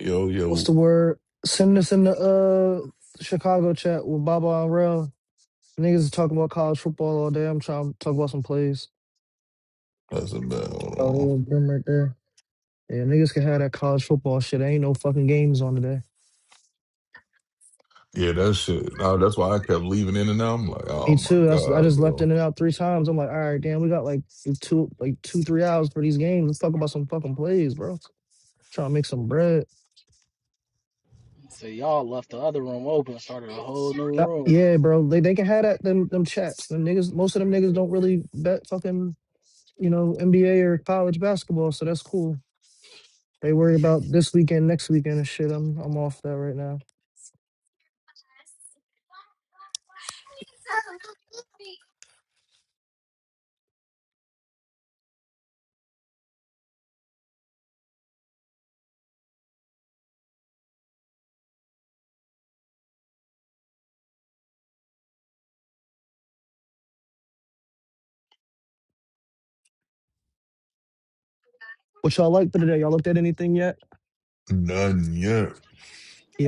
Yo, What's yo, the word? Send us in the uh Chicago chat with Baba and Rel. Niggas is talking about college football all day. I'm trying to talk about some plays. that's a bad. Hold Oh, they on. were them right there. Yeah, niggas can have that college football shit. Ain't no fucking games on today. Yeah, that shit. Now that's why I kept leaving in and out. I'm like, oh Me my too. That's, I god, just left in bro, and out three times. I'm like, all right, damn, we got like two, like two, three hours for these games. Let's talk about some fucking plays, bro. Trying to make some bread. So y'all left the other room open, started a whole new Uh, room. Yeah, bro. They they can have that them them chats. Them niggas. Most of them niggas don't really bet fucking you know NBA or college basketball, so that's cool. They worry about this weekend, next weekend and shit. I'm I'm off that right now. What y'all like for today? Y'all looked at anything yet? none yet.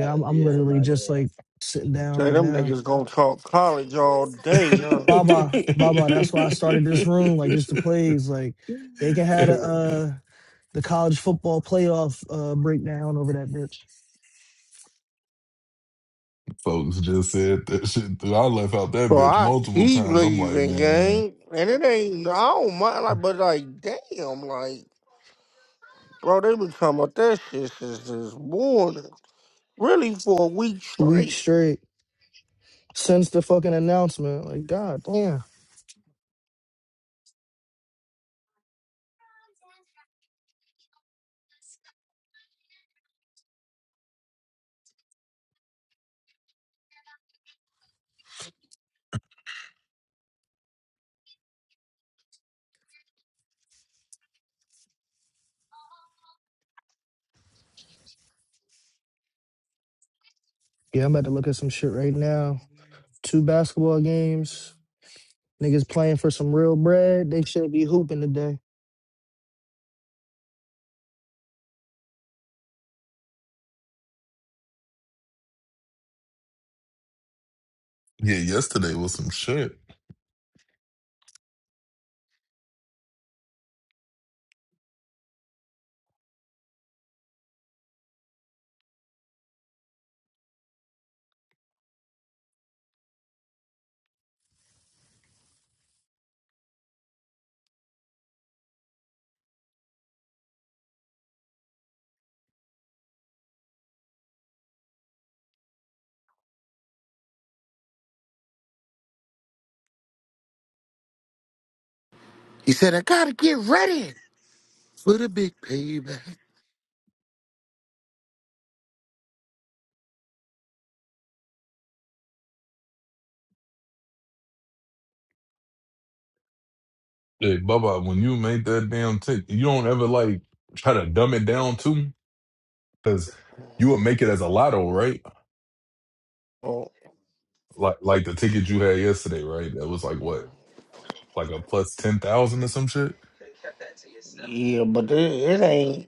Uh, I'm I'm yeah, literally nah, yeah. just like sitting down Say right them now. niggas gonna talk college all day, huh? Baba, Baba. That's why I started this room, like just the plays. Like they can have a, uh, the college football playoff uh, breakdown over that bitch. Folks just said that shit. Dude, I left out that Bro, bitch I multiple keep times. I'm like, leaving, man, gang, and it ain't. I don't mind, like, but like, damn, like, bro, they been talking about that shit since this morning, really for a week Week straight. straight since the fucking announcement. Like, god damn. Yeah, I'm about to look at some shit right now. Two basketball games. Niggas playing for some real bread. They should be hooping today. yeah, yesterday was some shit. He said, I gotta get ready for the big payback. Hey, Bubba, when you make that damn tick, you don't ever like try to dumb it down too, because you would make it as a lotto, right? Oh, Like, like the ticket you had yesterday, right? That was like what like a plus ten thousand or some shit. yeah, but it, it ain't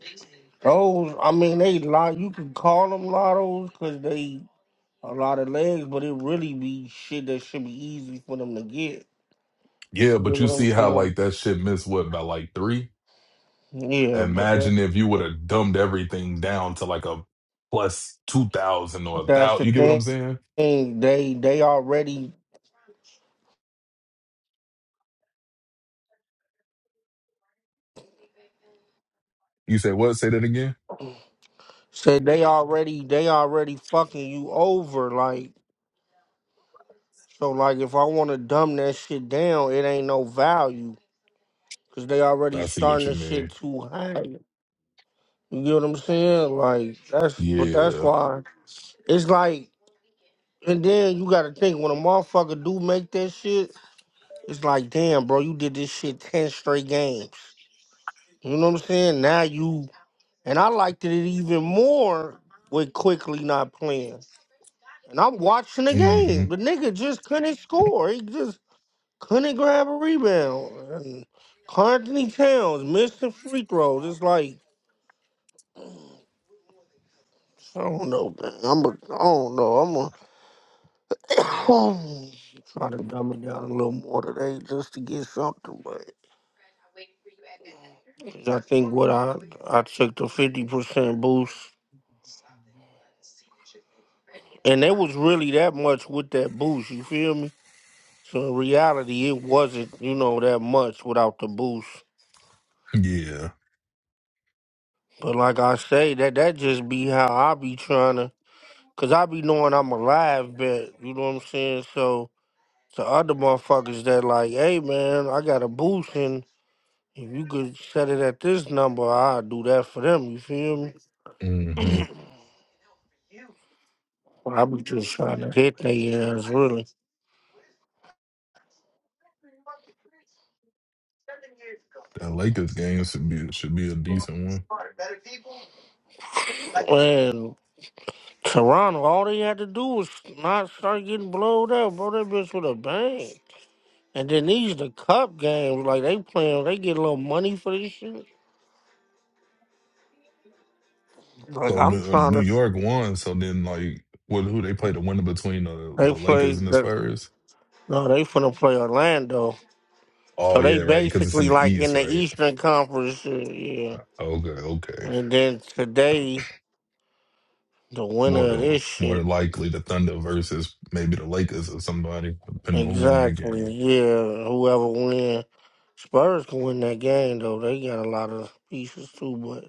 those. I mean, they lot. You can call them lottos because they a lot of legs, but it really be shit that should be easy for them to get. Yeah, You know but you what I'm see how saying? like that shit missed what by like three? Yeah, but that, Imagine if you would have dumbed everything down to like a plus two thousand or but a that's thousand. the You get what thing. I'm saying? And they they already You say what? Say that again. said they already they already fucking you over. Like so, like if I want to dumb that shit down, it ain't no value because they already I see what starting you the mean. shit too high. You get what I'm saying? Like that's but that's Yeah. why it's like. And then you gotta think when a motherfucker do make that shit, it's like damn, bro, you did this shit ten straight games. You know what I'm saying? Now you and I liked it even more with quickly not playing. And I'm watching the hmm game. The nigga just couldn't score. He just couldn't grab a rebound. And Anthony Towns missing free throws. It's like I don't know, man. I'm a, I don't know. I'm a try to dumb it down a little more today just to get something. But 'cause I think what I I took the fifty percent boost, and it was really that much with that boost. You feel me? So in reality, it wasn't you know that much without the boost. Yeah. But like I say, that that just be how I be trying to, cause I be knowing I'm alive, but you know what I'm saying. So to other motherfuckers that like, hey man, I got a boost, and if you could set it at this number, I'll do that for them. You feel me? hmm I be just trying to hit their ass really. That Lakers game should be should be a decent one. And Toronto, all they had to do was not start getting blowed up, bro. That bitch with a bang. And then these the cup games, like they playing, they get a little money for this shit. Like So I'm New, uh, trying New to. York won. So then like what? Who they played the winner between the They the play. Lakers and the The, Spurs? no, they finna play Orlando. Oh So they yeah, right. Because it's in basically the like in East, the right? Eastern Conference. uh, Yeah. Okay. Okay. And then today, the More winner of than this more than shit. likely the Thunder versus maybe the Lakers or somebody, depending on who win that Exactly. game. Yeah. Whoever win, Spurs can win that game though. They got a lot of pieces too, but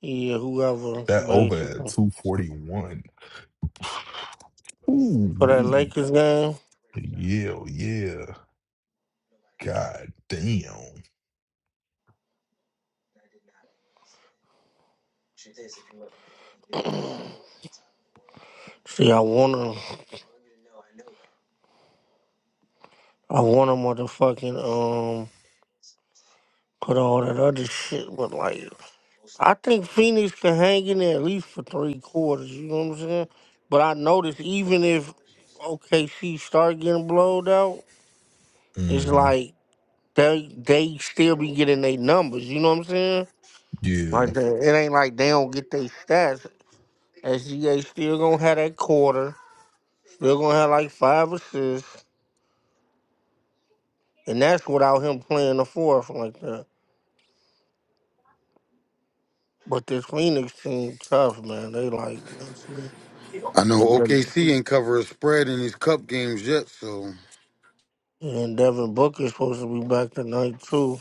yeah, whoever That over at basically two forty one. Ooh for that wee. Lakers game. Yeah, yeah. God damn. See, I wanna, I wanna motherfucking um, Put all that other shit with like I think Phoenix can hang in there at least for three quarters, you know what I'm saying? But I noticed even if OKC start getting blowed out, it's hmm like they they still be getting their numbers, you know what I'm saying? Yeah. Like they, it ain't like they don't get their stats. SGA still gonna have that quarter, still gonna have like five assists, and that's without him playing the fourth like that. But this Phoenix team tough, man. They like mentally I and know then OKC ain't cover a spread in these cup games yet, so And Devin Booker's supposed to be back tonight too.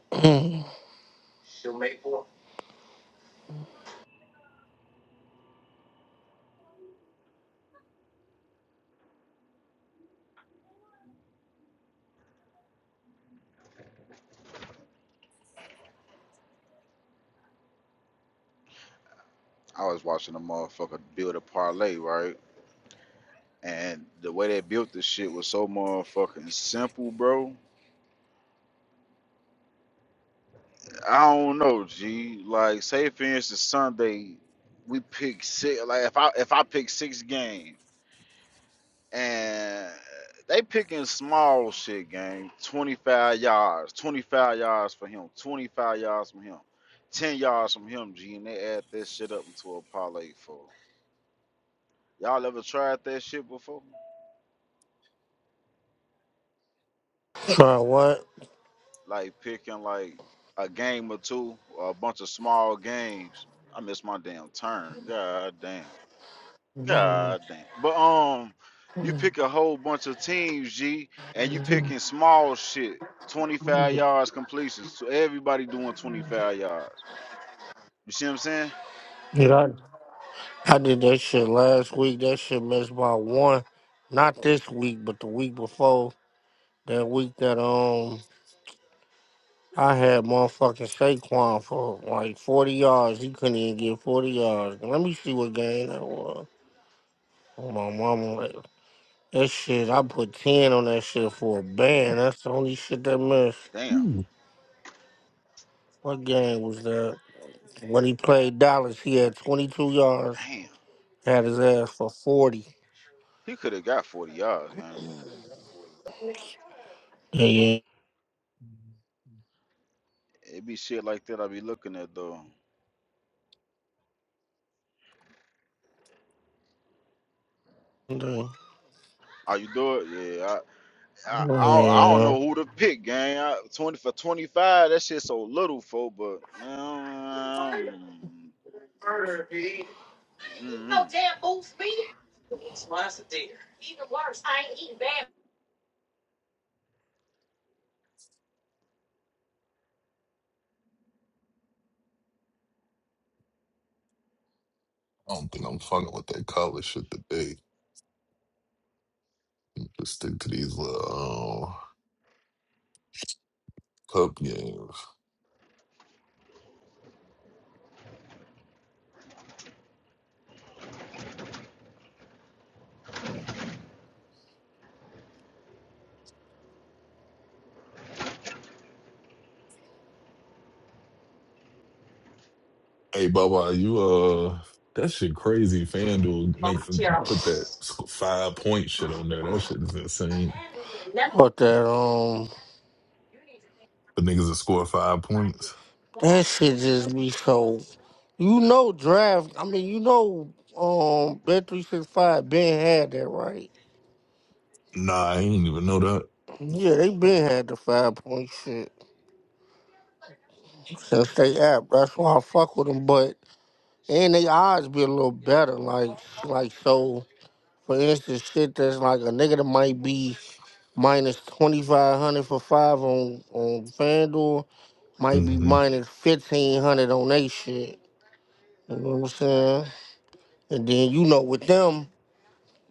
Try I was watching a motherfucker build a parlay, right? And the way they built this shit was so motherfucking simple, bro. I don't know, G. Like, say for instance, Sunday, we pick six. Like, if I if I pick six games, and they picking small shit game, twenty five yards, twenty five yards for him, twenty five yards from him, ten yards from him, G. And they add that shit up into a parlay for. Y'all ever tried that shit before? what? like picking like a game or two or a bunch of small games. I missed my damn turn. God damn. God damn. But um you pick a whole bunch of teams, G, and you picking small shit. 25 yards completions. So everybody doing 25 yards. You see what I'm saying? Yeah, I, I did that shit last week. That shit missed by one. Not this week, but the week before. That week that um I had motherfucking Saquon for like forty yards. He couldn't even get forty yards. Let me see what game that was. Oh, my mama, like, that shit. I put ten on that shit for a band. That's the only shit that missed. Damn. Ooh. What game was that? When he played Dallas, he had 22 yards, Damn. had his ass for 40. He could have got 40 yards, man. Yeah, It be shit like that I be looking at though. yeah. Oh, you do it? Yeah, I, I don't I don't Yeah. know who to pick, gang. I, Twenty for twenty five, that shit so little, for. But um, mm-hmm. I don't think I'm fucking with that college shit today. Just stick to these little uh, cup games. Hey, Baba, you uh, that shit crazy. FanDuel make put that five point shit on there. That shit is insane. But that, um, The niggas that scored five points. that shit just be so. You know, draft, I mean, you know, um, Bet365 Ben had that, right? Nah, I didn't even know that. Yeah, they been had the five point shit since they app. That's why I fuck with them. But and they odds be a little better. Like like so, for instance, shit that's like a nigga that might be minus twenty five hundred for five on on FanDuel, might be hmm minus fifteen hundred on they shit. You know what I'm saying? And then you know with them,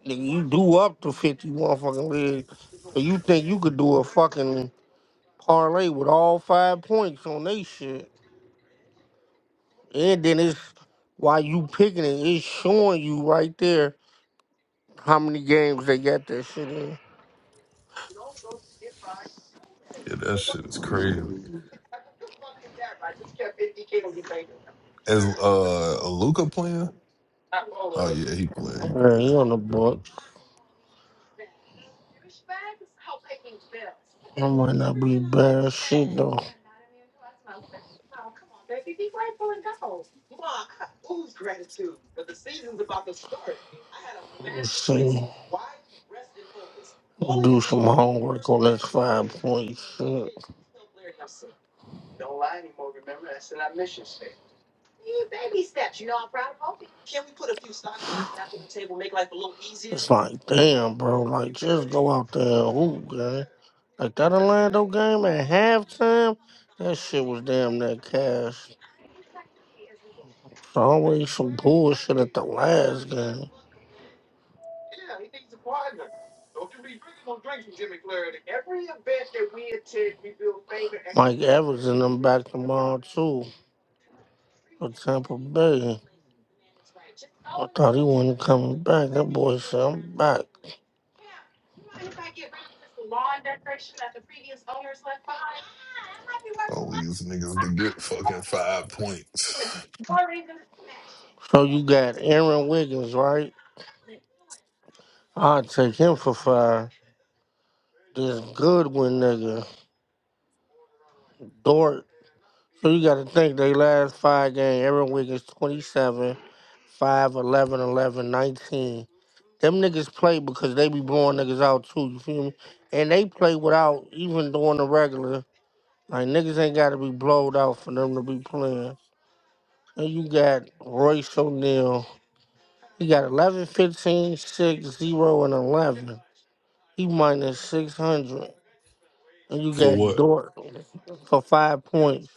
nigga, you do up to fifty motherfucking legs. So you think you could do a fucking parlay with all five points on they shit. And then it's while you picking it, it's showing you right there how many games they got that shit in. Yeah, that shit is crazy. Is uh Luca playing? Oh yeah, he playing. He Yeah, playing. he on the Sure, bro. books. I might not be bad as shit though. You see, do some homework on that five point shit. It's like, damn, bro, like just go out there and hoop, man. Like that Orlando game at halftime, that shit was damn near cash. It's always some bullshit at the last game. Mike Evans and them back tomorrow too. for Tampa Bay. I thought he wasn't coming back. That boy said, I'm back. All these niggas to get fucking five points So you got Aaron Wiggins, right? I'll take him for five. This Goodwin nigga, Dort. So you got to think they last five game. Aaron Wiggins 27, 5, 11, 11, 19. Them niggas play because they be blowing niggas out too, you feel me? And they play without even doing the regular. Like niggas ain't got to be blowed out for them to be playing. And you got Royce O'Neal. He got eleven, fifteen, six zero, and 11. He minus 600. And you for got what? Dort for five points.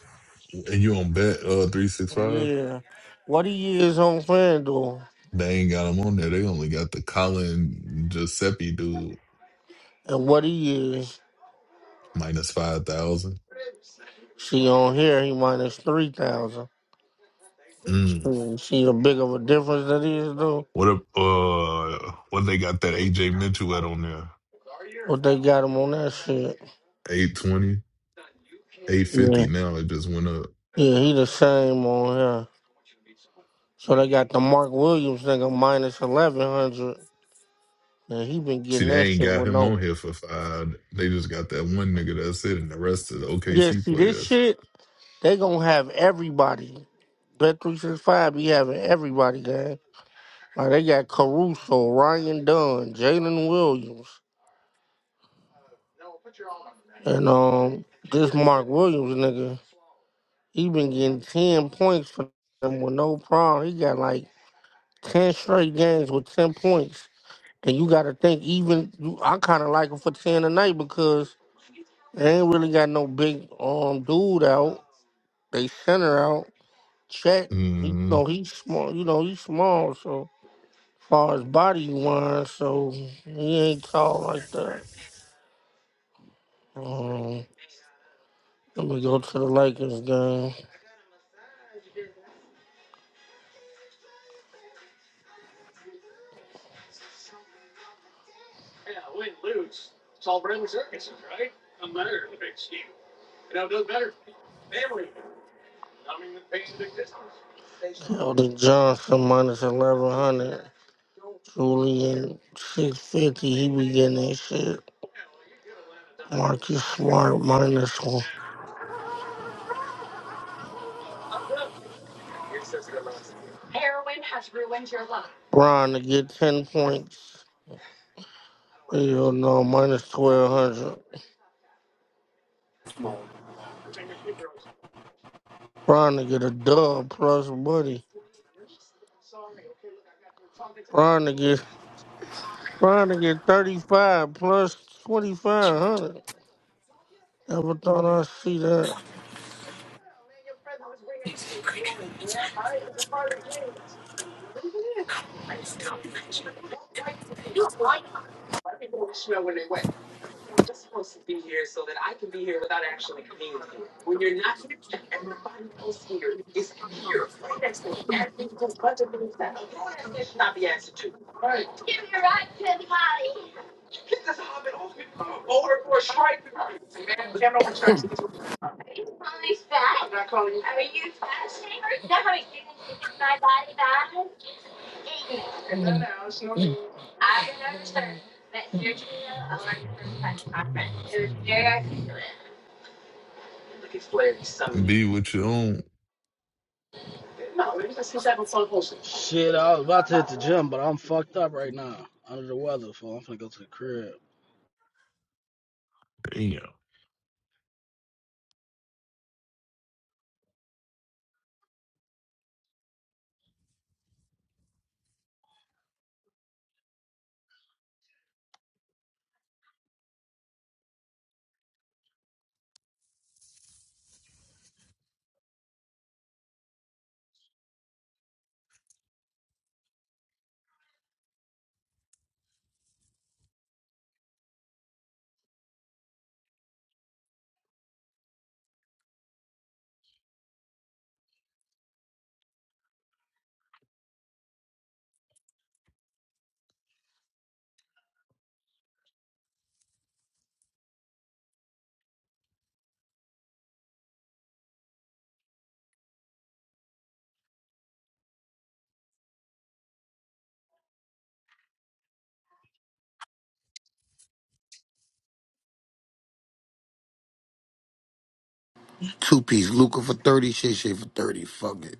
And you on bet uh three six five? Yeah. What he is on FanDuel They ain't got him on there. They only got the Colin Giuseppe dude and what he is, minus five thousand. she on here, he minus 3,000. Mm. Hmm, See the big of a difference that is, though? What up? Uh, what they got that AJ Mitchell at on there? But they got him on that shit. Eight twenty, eight fifty. Yeah. now. It just went up. Yeah, he the same on here. So they got the Mark Williams nigga minus 1,100. Man, he been See, getting that they ain't shit got with him no. on here for five. They just got that one nigga that's it, and the rest of the Yeah, OKC see this players. shit, they gonna have everybody. Bet three six five be having everybody, gang. Like they got Caruso, Ryan Dunn, Jalen Williams, and um this Mark Williams nigga. He been getting ten points for them with no problem. He got like ten straight games with ten points. And you gotta think even you, I kinda like him for ten tonight because they ain't really got no big um dude out. They center out. Chet, you Mm-hmm. know, he's small. You know, he's small. So far as body wise, so he ain't tall like that. Um, let me go to the Lakers game. Keldon Johnson minus eleven hundred. Julian six fifty. He be getting that shit. Marcus Smart minus one. Brian to get ten points. Hell no, minus twelve hundred. Brian to get a dub plus buddy. Bron to get Trying to get 35 plus 2,500. Never thought I'd see that. Be with your own. Shit, I was about to hit the gym, but I'm fucked up right now. Under the weather, fool. I'm finna go to the crib. Damn. two piece Luca for thirty, Shay Shay for thirty. Fuck it.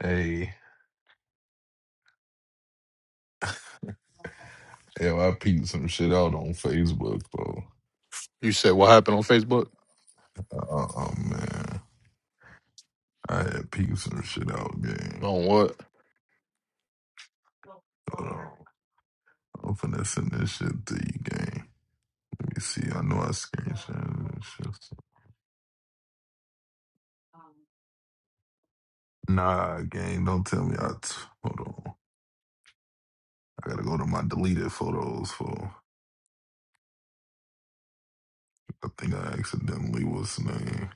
Hey, yo, I peeped some shit out on Facebook, bro. You said what happened on Facebook? Uh Oh, man. I had peeped some shit out, game. On what? Hold on. I'm finna send this shit to you, gang. Let me see. I know I screenshot this shit. Nah, gang, don't tell me I. T- Hold on. I gotta go to my deleted photos for. I think I accidentally was name.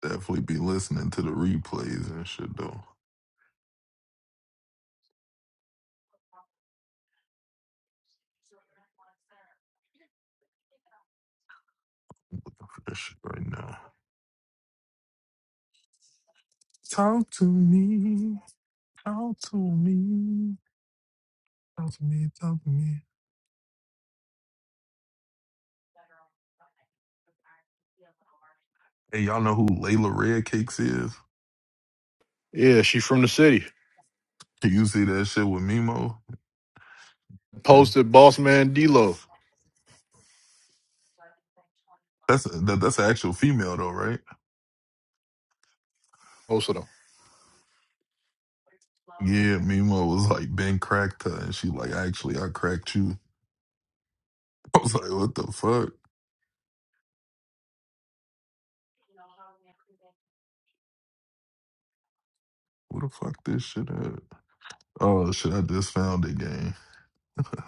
Definitely be listening to the replays and shit though. Looking for that shit right now. Talk to me, talk to me, talk to me, talk to me. Hey, y'all know who Layla Redcakes is? Yeah, she from the city. Can you see that shit with Mimo? Yeah. Posted boss man D-Lo. That's that, that's an actual female though, right? Posted them. Yeah, Mimo was like Ben cracked her, and she like actually I cracked you. I was like, what the fuck? Where the fuck this shit at? Oh shit, I just found it game.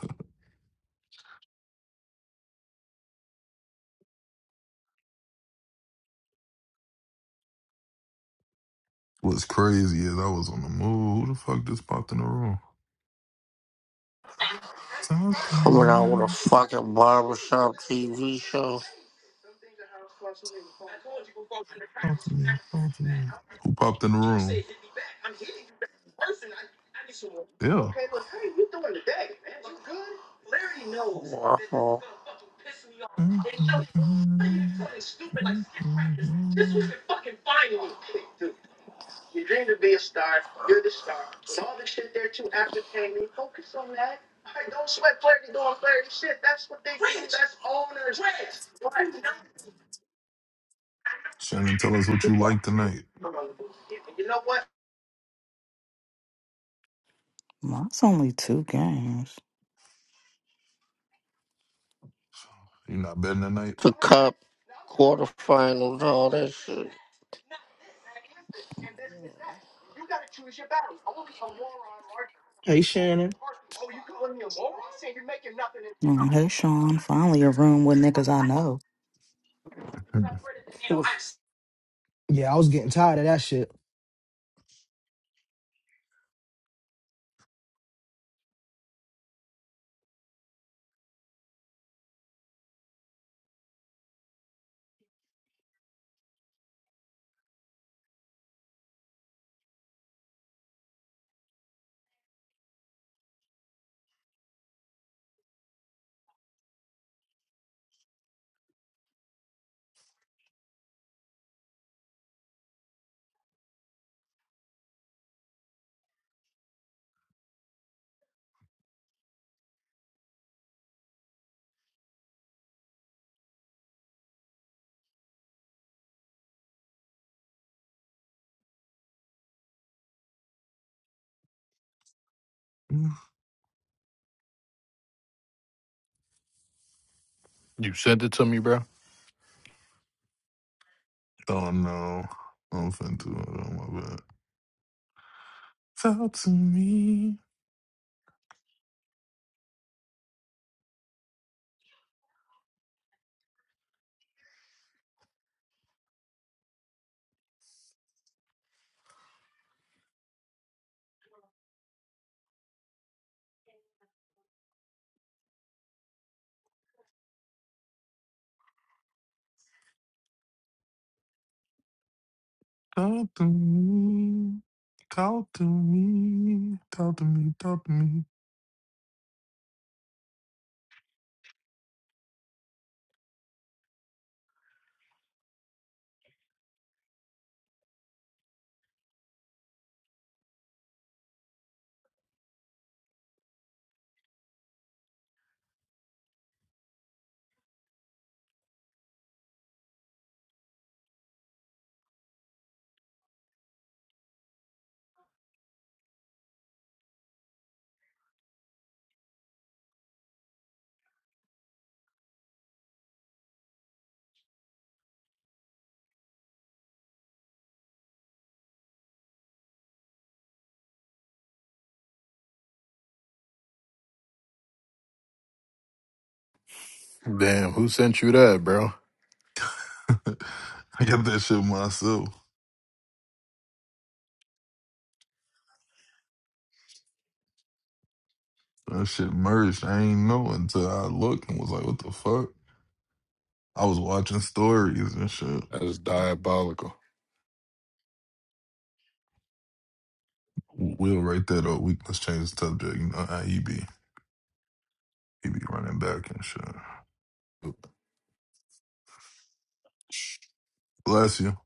What's crazy is I was on the move. Who the fuck just popped in the room? Talk to Coming out with a me. fucking barbershop TV show. Talk to me. Talk to me. Who popped in the room? Yeah. Wow. Shannon, tell us what you like tonight. Well, That's only two games. You not betting tonight? The Cup quarterfinals, all that shit. Hey, Shannon. Mm, Hey, Sean, finally a room with niggas I know. Yeah, I was getting tired of that shit. You sent it to me, bro. Oh no. I'm finna do it. Oh my bad. Talk to me. Talk to me. Talk to me. Talk to me. Talk to me. Damn, who sent you that, bro? I got that shit myself. That shit merged. I ain't know until I looked and was like, what the fuck? I was watching stories and shit. That's diabolical. We'll write that up. We let's change the subject. You know how he be. He be running back and shit. Bless you.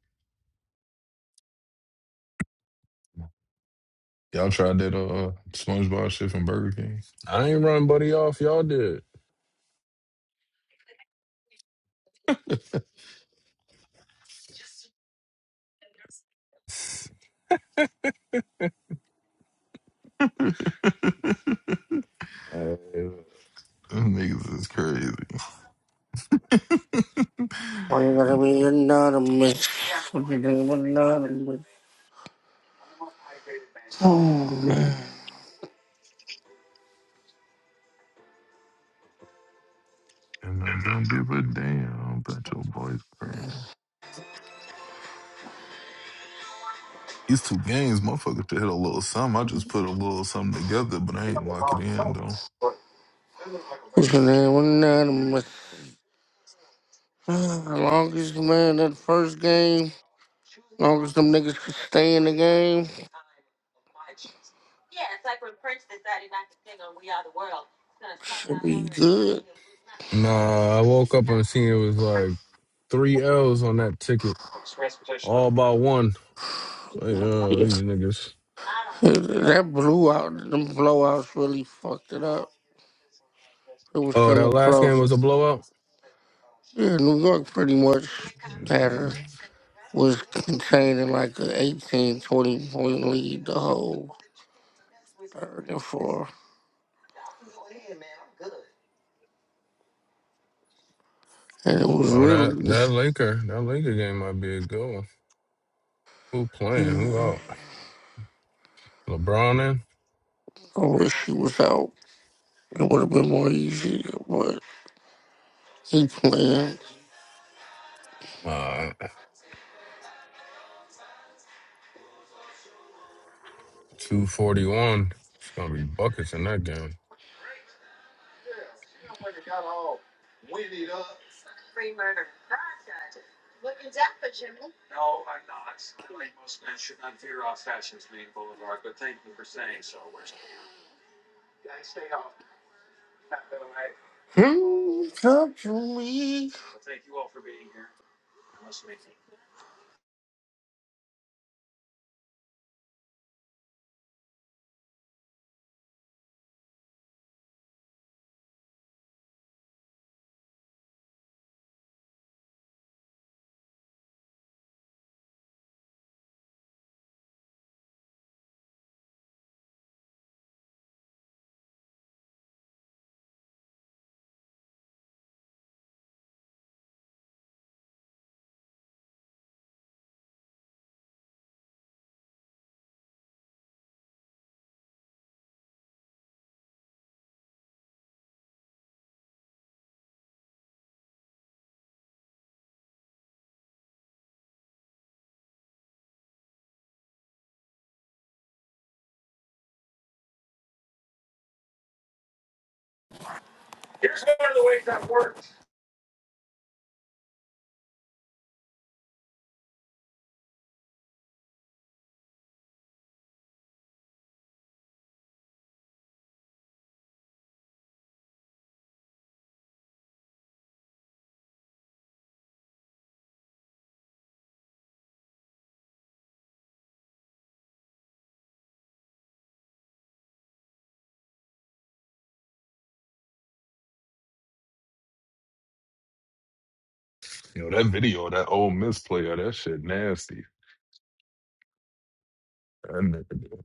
Y'all tried that uh SpongeBob shit from Burger King? I ain't run buddy off. Y'all did. Them niggas is crazy. and I'm gonna be anonymous. What's your name? Anonymous. Oh, man. I don't give a damn about your boyfriend. These two games, motherfucker, to hit a little something. I just put a little something together, but I ain't lock it in though. What's your name? Anonymous. Ah, Longest, man, that first game, longest them niggas can stay in the game, should be good. Nah, I woke up and seen it was like three L's on that ticket, all by one. So, yeah, Yeah. these niggas. That blew out, them blowouts really fucked it up. It was Oh, still that a last game was a close. blowout. Yeah, New York pretty much had a, was contained in like an 18 20 point lead the whole third and fourth. And it was Oh, that really, that Laker, that Laker game might be a good one. Who playing? Who mm-hmm. out? LeBron in. I wish he was out. It would have been more easy, but he playing. Uh, two forty one. It's gonna be buckets in that game. Hmm, Come to me. Yo, that video, that old misplayer, that shit nasty. That nigga-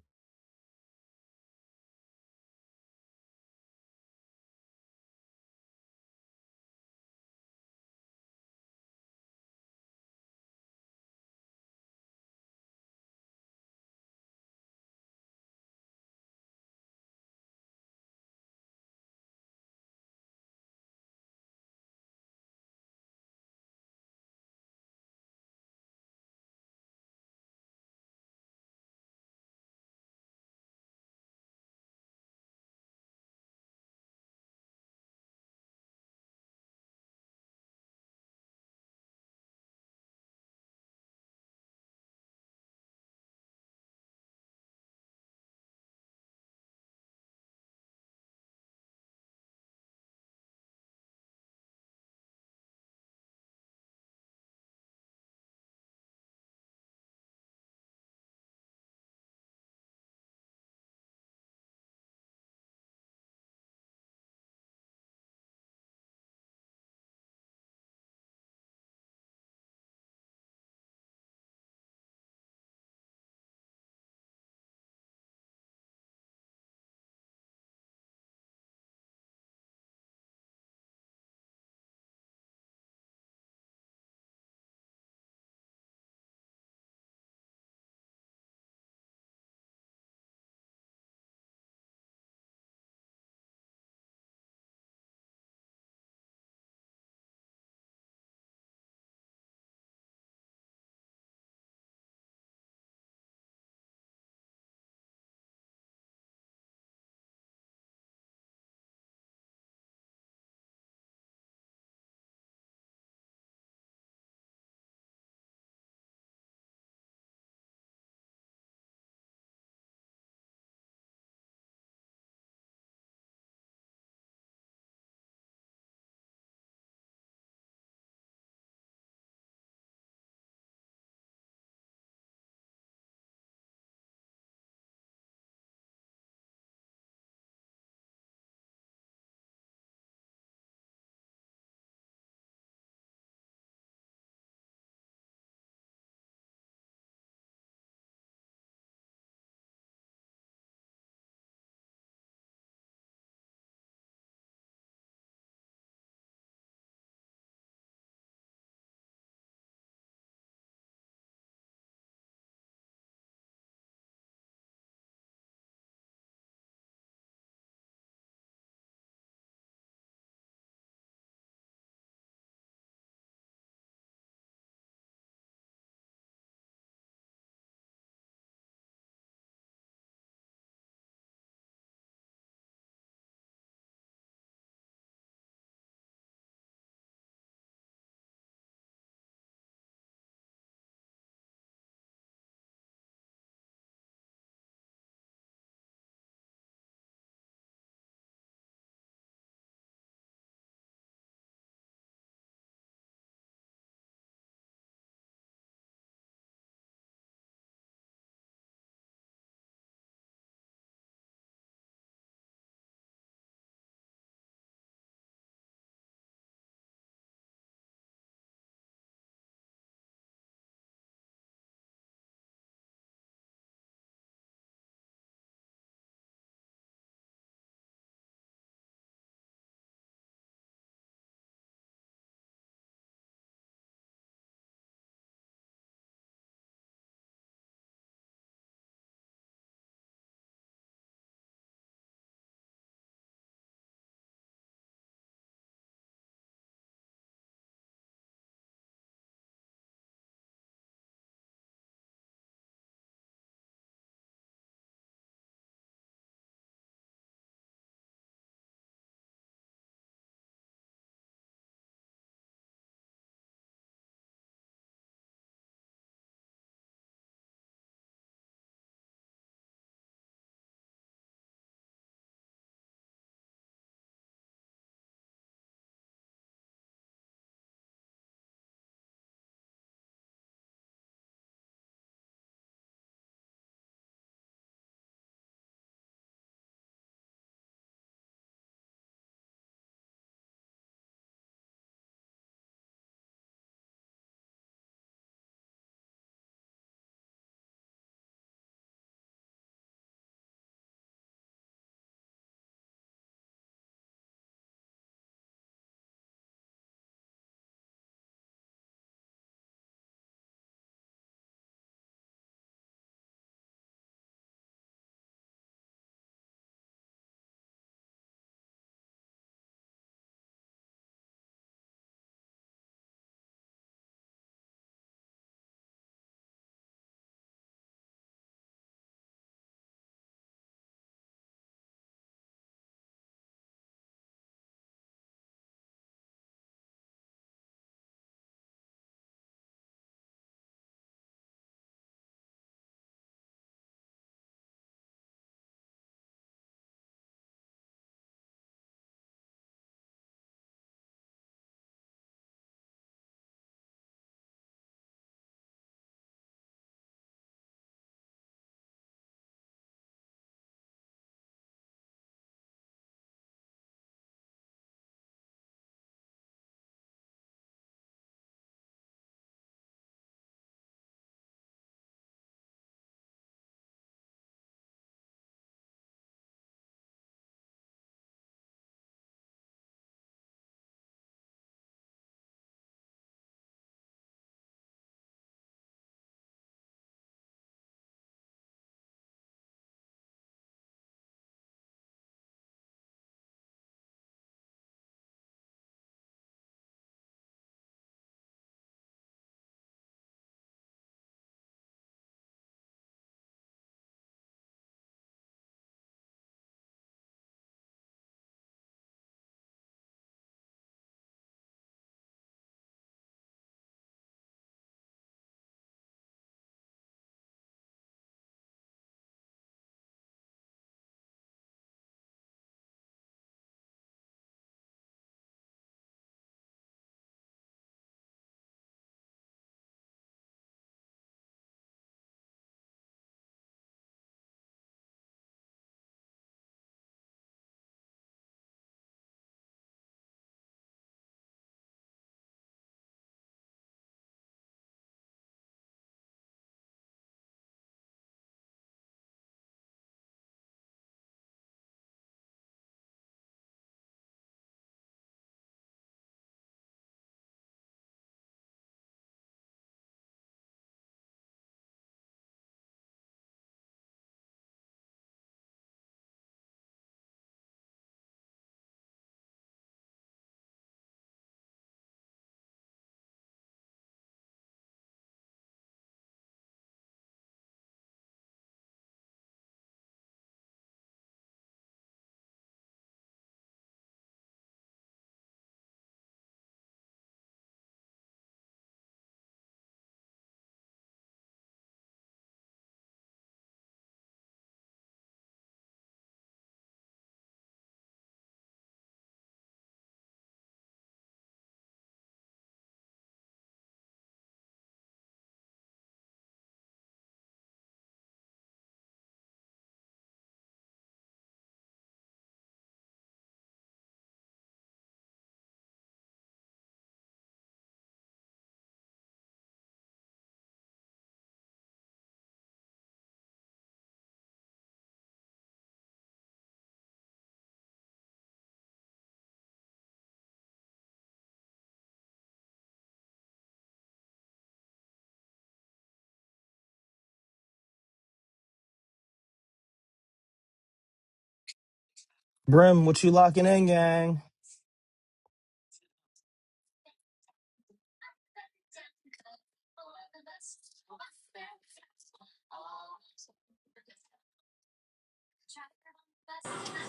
Brim, what you locking in, gang?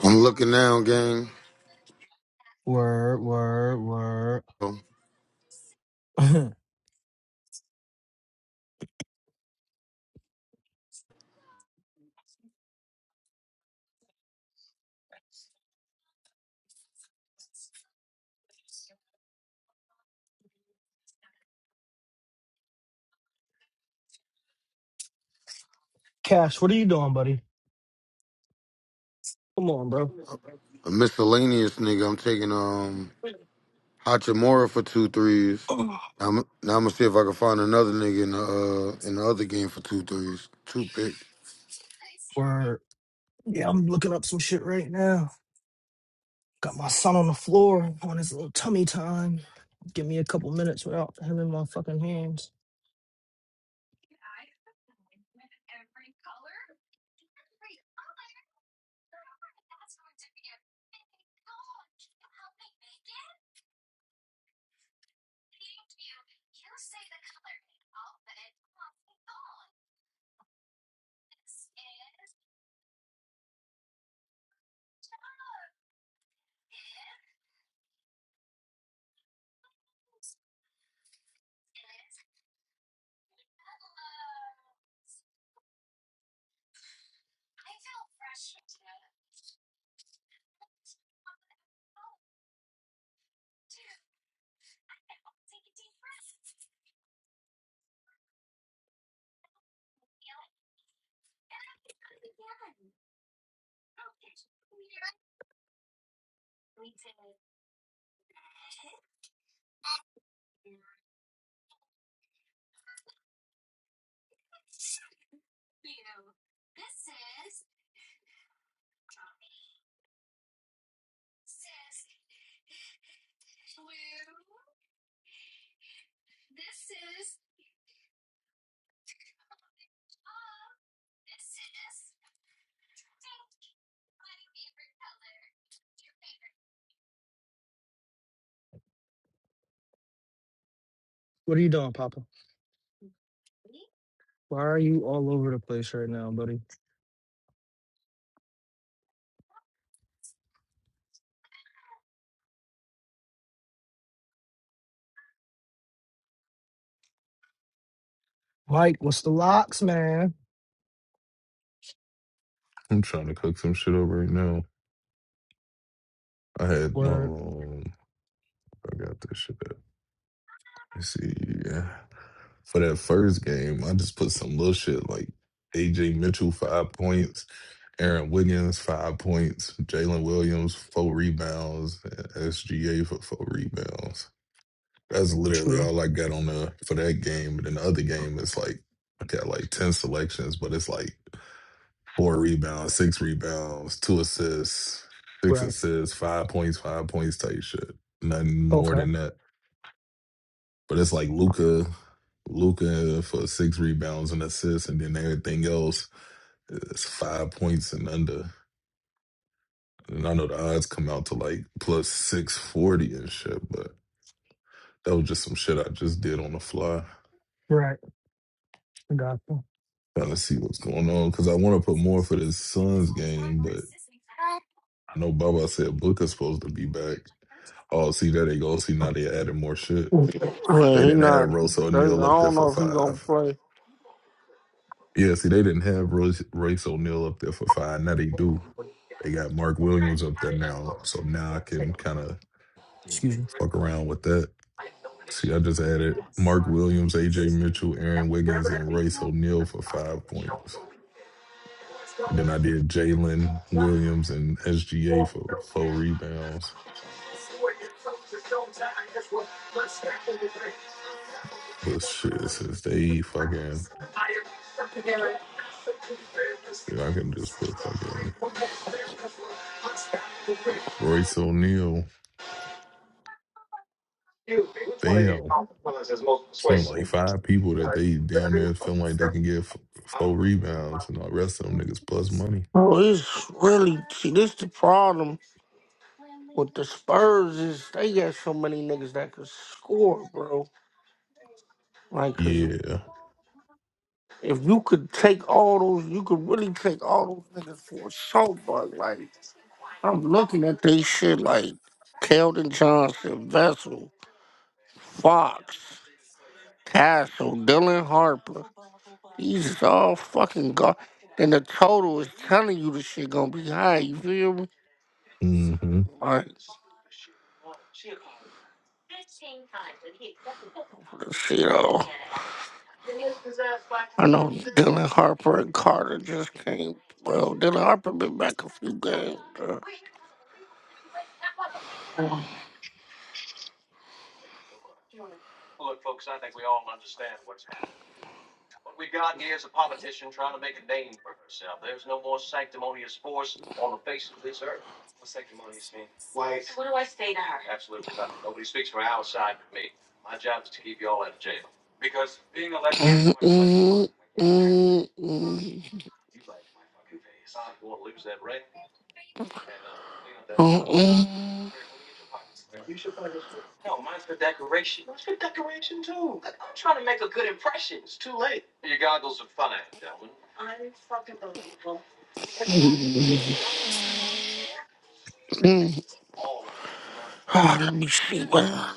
I'm looking now, gang. Word, word, So, word. Cash, what are you doing, buddy? Come on, bro. A miscellaneous nigga. I'm taking um Hachimura for two threes. Oh, I'm, now I'm gonna see if I can find another nigga in the uh, in the other game for two threes. Two pick. Word. Yeah, I'm looking up some shit right now. Got my son on the floor on his little tummy time. Give me a couple minutes without him in my fucking hands. what are you doing, Papa? Why are you all over the place right now, buddy? Mike, what's the locks, man? I'm trying to cook some shit up right now. I had Word. um, I got this shit. Up. You see, yeah. For that first game, I just put some little shit like AJ Mitchell five points Aaron Wiggins, five points. Jalen Williams, four rebounds. and SGA for four rebounds. That's literally True. all I got on the for that game. And then the other game is like I got like ten selections, but it's like four rebounds, six rebounds, two assists, six Right. assists, five points, five points type shit. Nothing more Okay. than that. But it's like Luca, Luca for six rebounds and assists, and then everything else is five points and under. And I know the odds come out to like plus 640 and shit, but that was just some shit I just did on the fly. Right. I got you. Trying to see what's going on because I want to put more for this Suns game, but I know Baba said Booker's supposed to be back. Oh, see, there they go. See, now Oh, they added more shit. They Well, he didn't have not. I Royce O'Neal up there don't for know if he gonna five. play. Yeah, see, they didn't have Royce, Royce O'Neal up there for five. Now they do. They got Mark Williams up there now. So now I can kind of Excuse me. fuck around with that. See, I just added Mark Williams, AJ Mitchell, Aaron Wiggins, and Royce O'Neal for five points. And then I did Jalen Williams and SGA for four rebounds. But shit, since they fucking, dude, I can just put fucking Royce O'Neal. Damn, it's only like five people that they damn near feeling like they can get f- four rebounds, and all the rest of them niggas plus money. Oh, it's really see. This the problem. with the Spurs is they got so many niggas that could score, bro. Like, cause Yeah. if you could take all those, you could really take all those niggas for a shot. But like, I'm looking at they shit like Keldon Johnson, Vessel, Fox, Castle, Dylan Harper. These is all fucking god. And the total is telling you the shit gonna be high. You feel me? Mm-hmm. Like, let's see shit, oh. I know Dylan Harper and Carter just came. Well, Dylan Harper been back a few games. uh, mm, mm, mm, mm, mm, mm. Ah, let me see. man.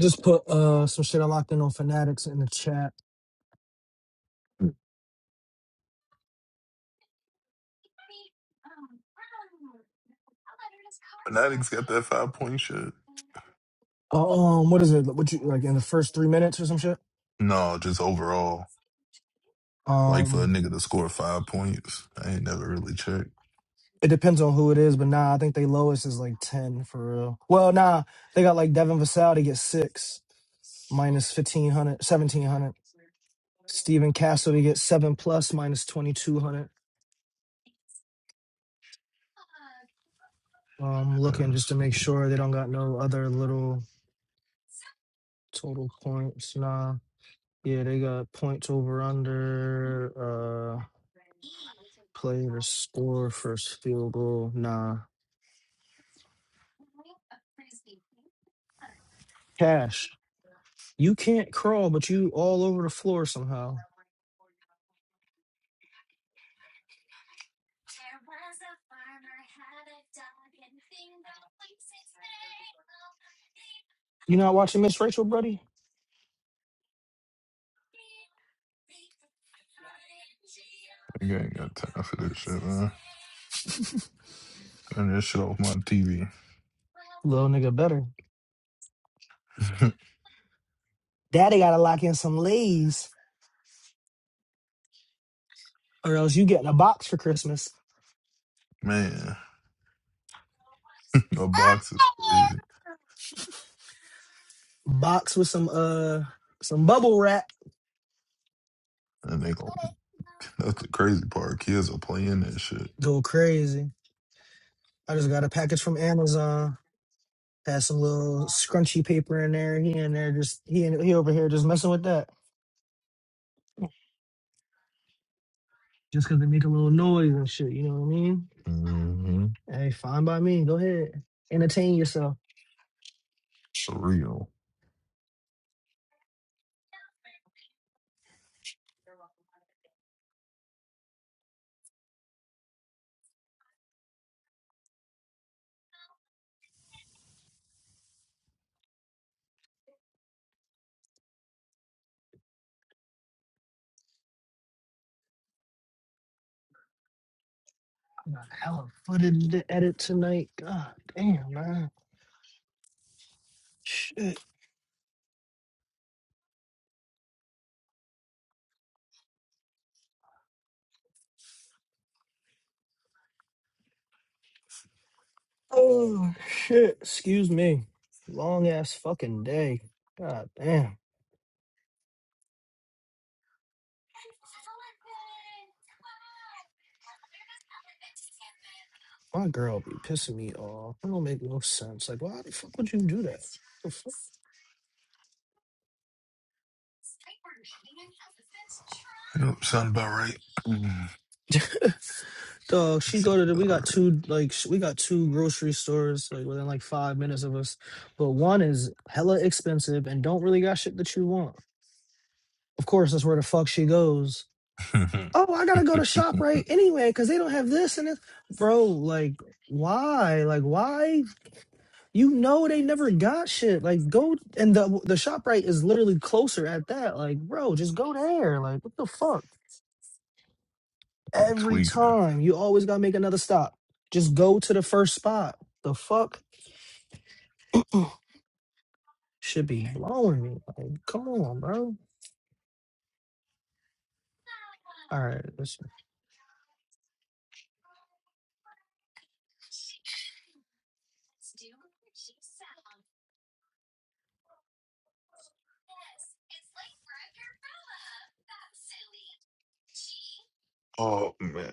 Just put uh some shit I locked in on Fanatics in the chat. Fanatics got that five point shit. Uh, um, what is it? What you like in the first three minutes or some shit? No, just overall. Like for a Um, nigga to score five points. I ain't never really checked. it depends on who it is, but nah, I think they lowest is like ten for real. Well, nah, they got like Devin Vassell to get six minus 1500, 1700. Stephen Castle to get seven plus minus 2200. Um, looking Uh, just to make so sure they don't got no other little total points. Nah. Yeah, they got points over under, uh player score first field goal. Nah. Cash. You can't crawl, but you all over the floor somehow. You not watching Miss Rachel, buddy? I ain't got no time for this shit, man. Turn this shit off my TV. Little nigga better. Daddy gotta lock in some lays. Or else you getting a box for Christmas. man, the box is crazy. Box with some uh some bubble wrap. And they gon' that's the crazy part. Kids are playing that shit. Go crazy. I just got a package from Amazon. Had some little scrunchy paper in there. He in there just he in, he over here just messing with that. just because they make a little noise and shit. You know what I mean? Mm-hmm. Hey, fine by me. Go ahead, entertain yourself. Surreal. I got a hell of footage to edit tonight. God damn, man. Shit. Oh shit. Excuse me. Long ass fucking day. God damn. My girl be pissing me off. That don't make no sense. Like, why the fuck would you do that? The Yep, sound about right. Mm, fuck? So she go to sound the, about we got two like sh- we got two grocery stores like within like five minutes of us, but one is hella expensive and don't really got shit that you want. Of course, that's where the fuck she goes. right. Oh, I gotta go to Shoprite anyway because they don't have this and this, bro. Like why? Like why? You know they never got shit. Like go and the the Shoprite is literally closer at that. Like bro, just go there. Like what the fuck? Be Every tweaking. time you always gotta make another stop. Just go to the first spot. The fuck should be blowing me. Like, come on, bro. All right, listen. Oh, man.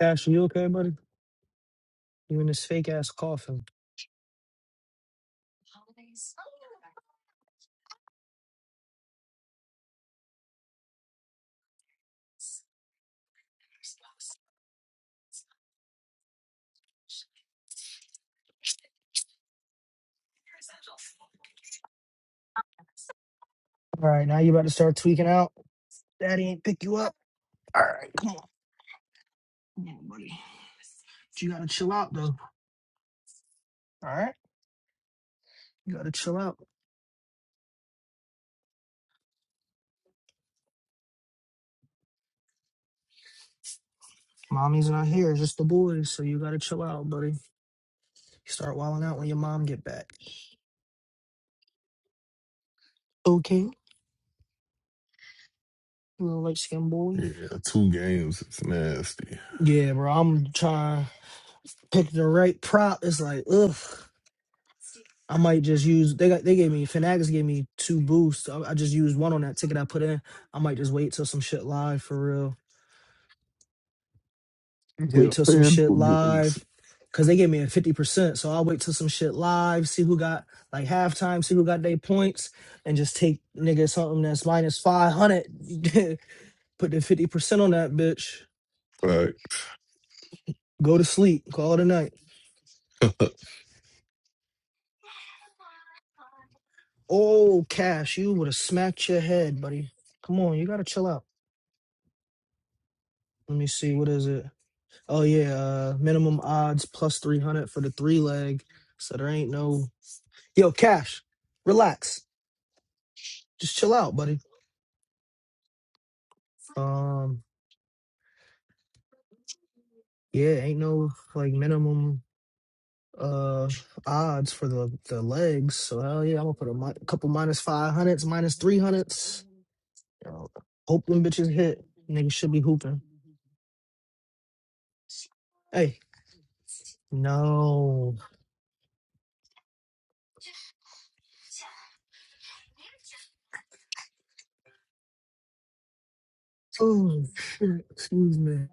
Cash, you okay, buddy? You in this fake ass coffin. All right, now you about to start tweaking out. Daddy ain't pick you up. All right, you gotta chill out though. All right, you gotta chill out. Mommy's not here, it's just the boys, so you gotta chill out, buddy. You start wilding out when your mom get back. Okay, little light skinned boy. Yeah, two games. It's nasty. Yeah, bro, I'm trying. pick the right prop. It's like, ugh, I might just use. They got they gave me Fanatics gave me two boosts. I, I just used one on that ticket I put in. I might just wait till some shit live for real. Yeah, Wait till some shit FanDuel giving us live. Cause they gave me a fifty percent, so I'll wait till some shit live, see who got like halftime, see who got their points, and just take nigga something that's minus five hundred, put the fifty percent on that bitch, back. go to sleep, call it a night. Oh, Cash, you would have smacked your head, buddy. Come on, you gotta chill out. Let me see. What is it? Oh yeah, uh, minimum odds plus three hundred for the three leg. So there ain't no yo cash. Relax. Just chill out, buddy. Um, yeah, ain't no like minimum uh odds for the the legs. So hell yeah, I'm gonna put a, mi- a couple minus five hundreds, minus three hundreds. You know, hope them bitches hit. Niggas should be hooping. Hey, no. Oh shit. Excuse me.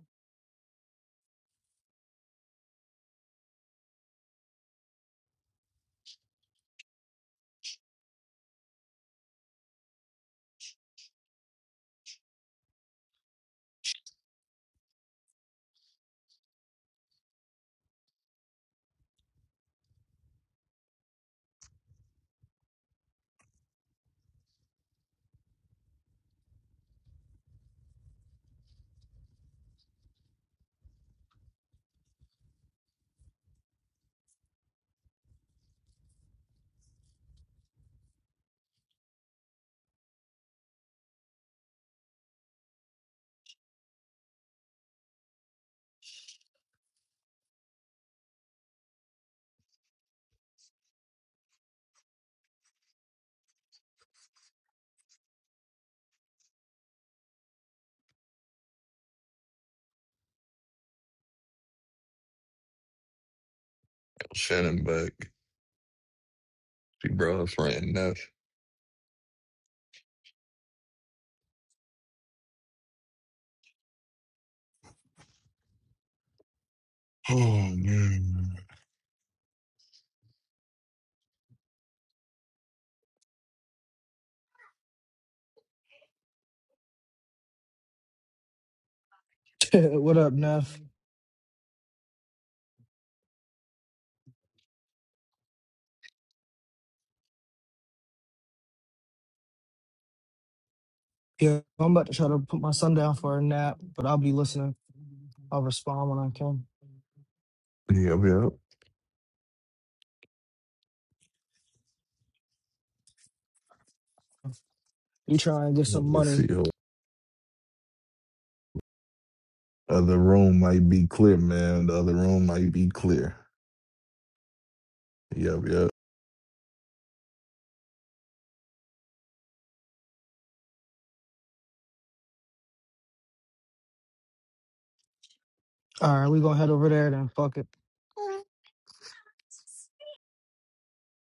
Shannon back. See, bro, it's ranting nuts. Oh man. what up, Neff? Yeah, I'm about to try to put my son down for a nap, but I'll be listening. I'll respond when I can. Yep, yep. We try and get some Let me see. money. Hold- Other room might be clear, man. The other room might be clear. Yep, yep. All right, we gonna head over there then. Fuck it.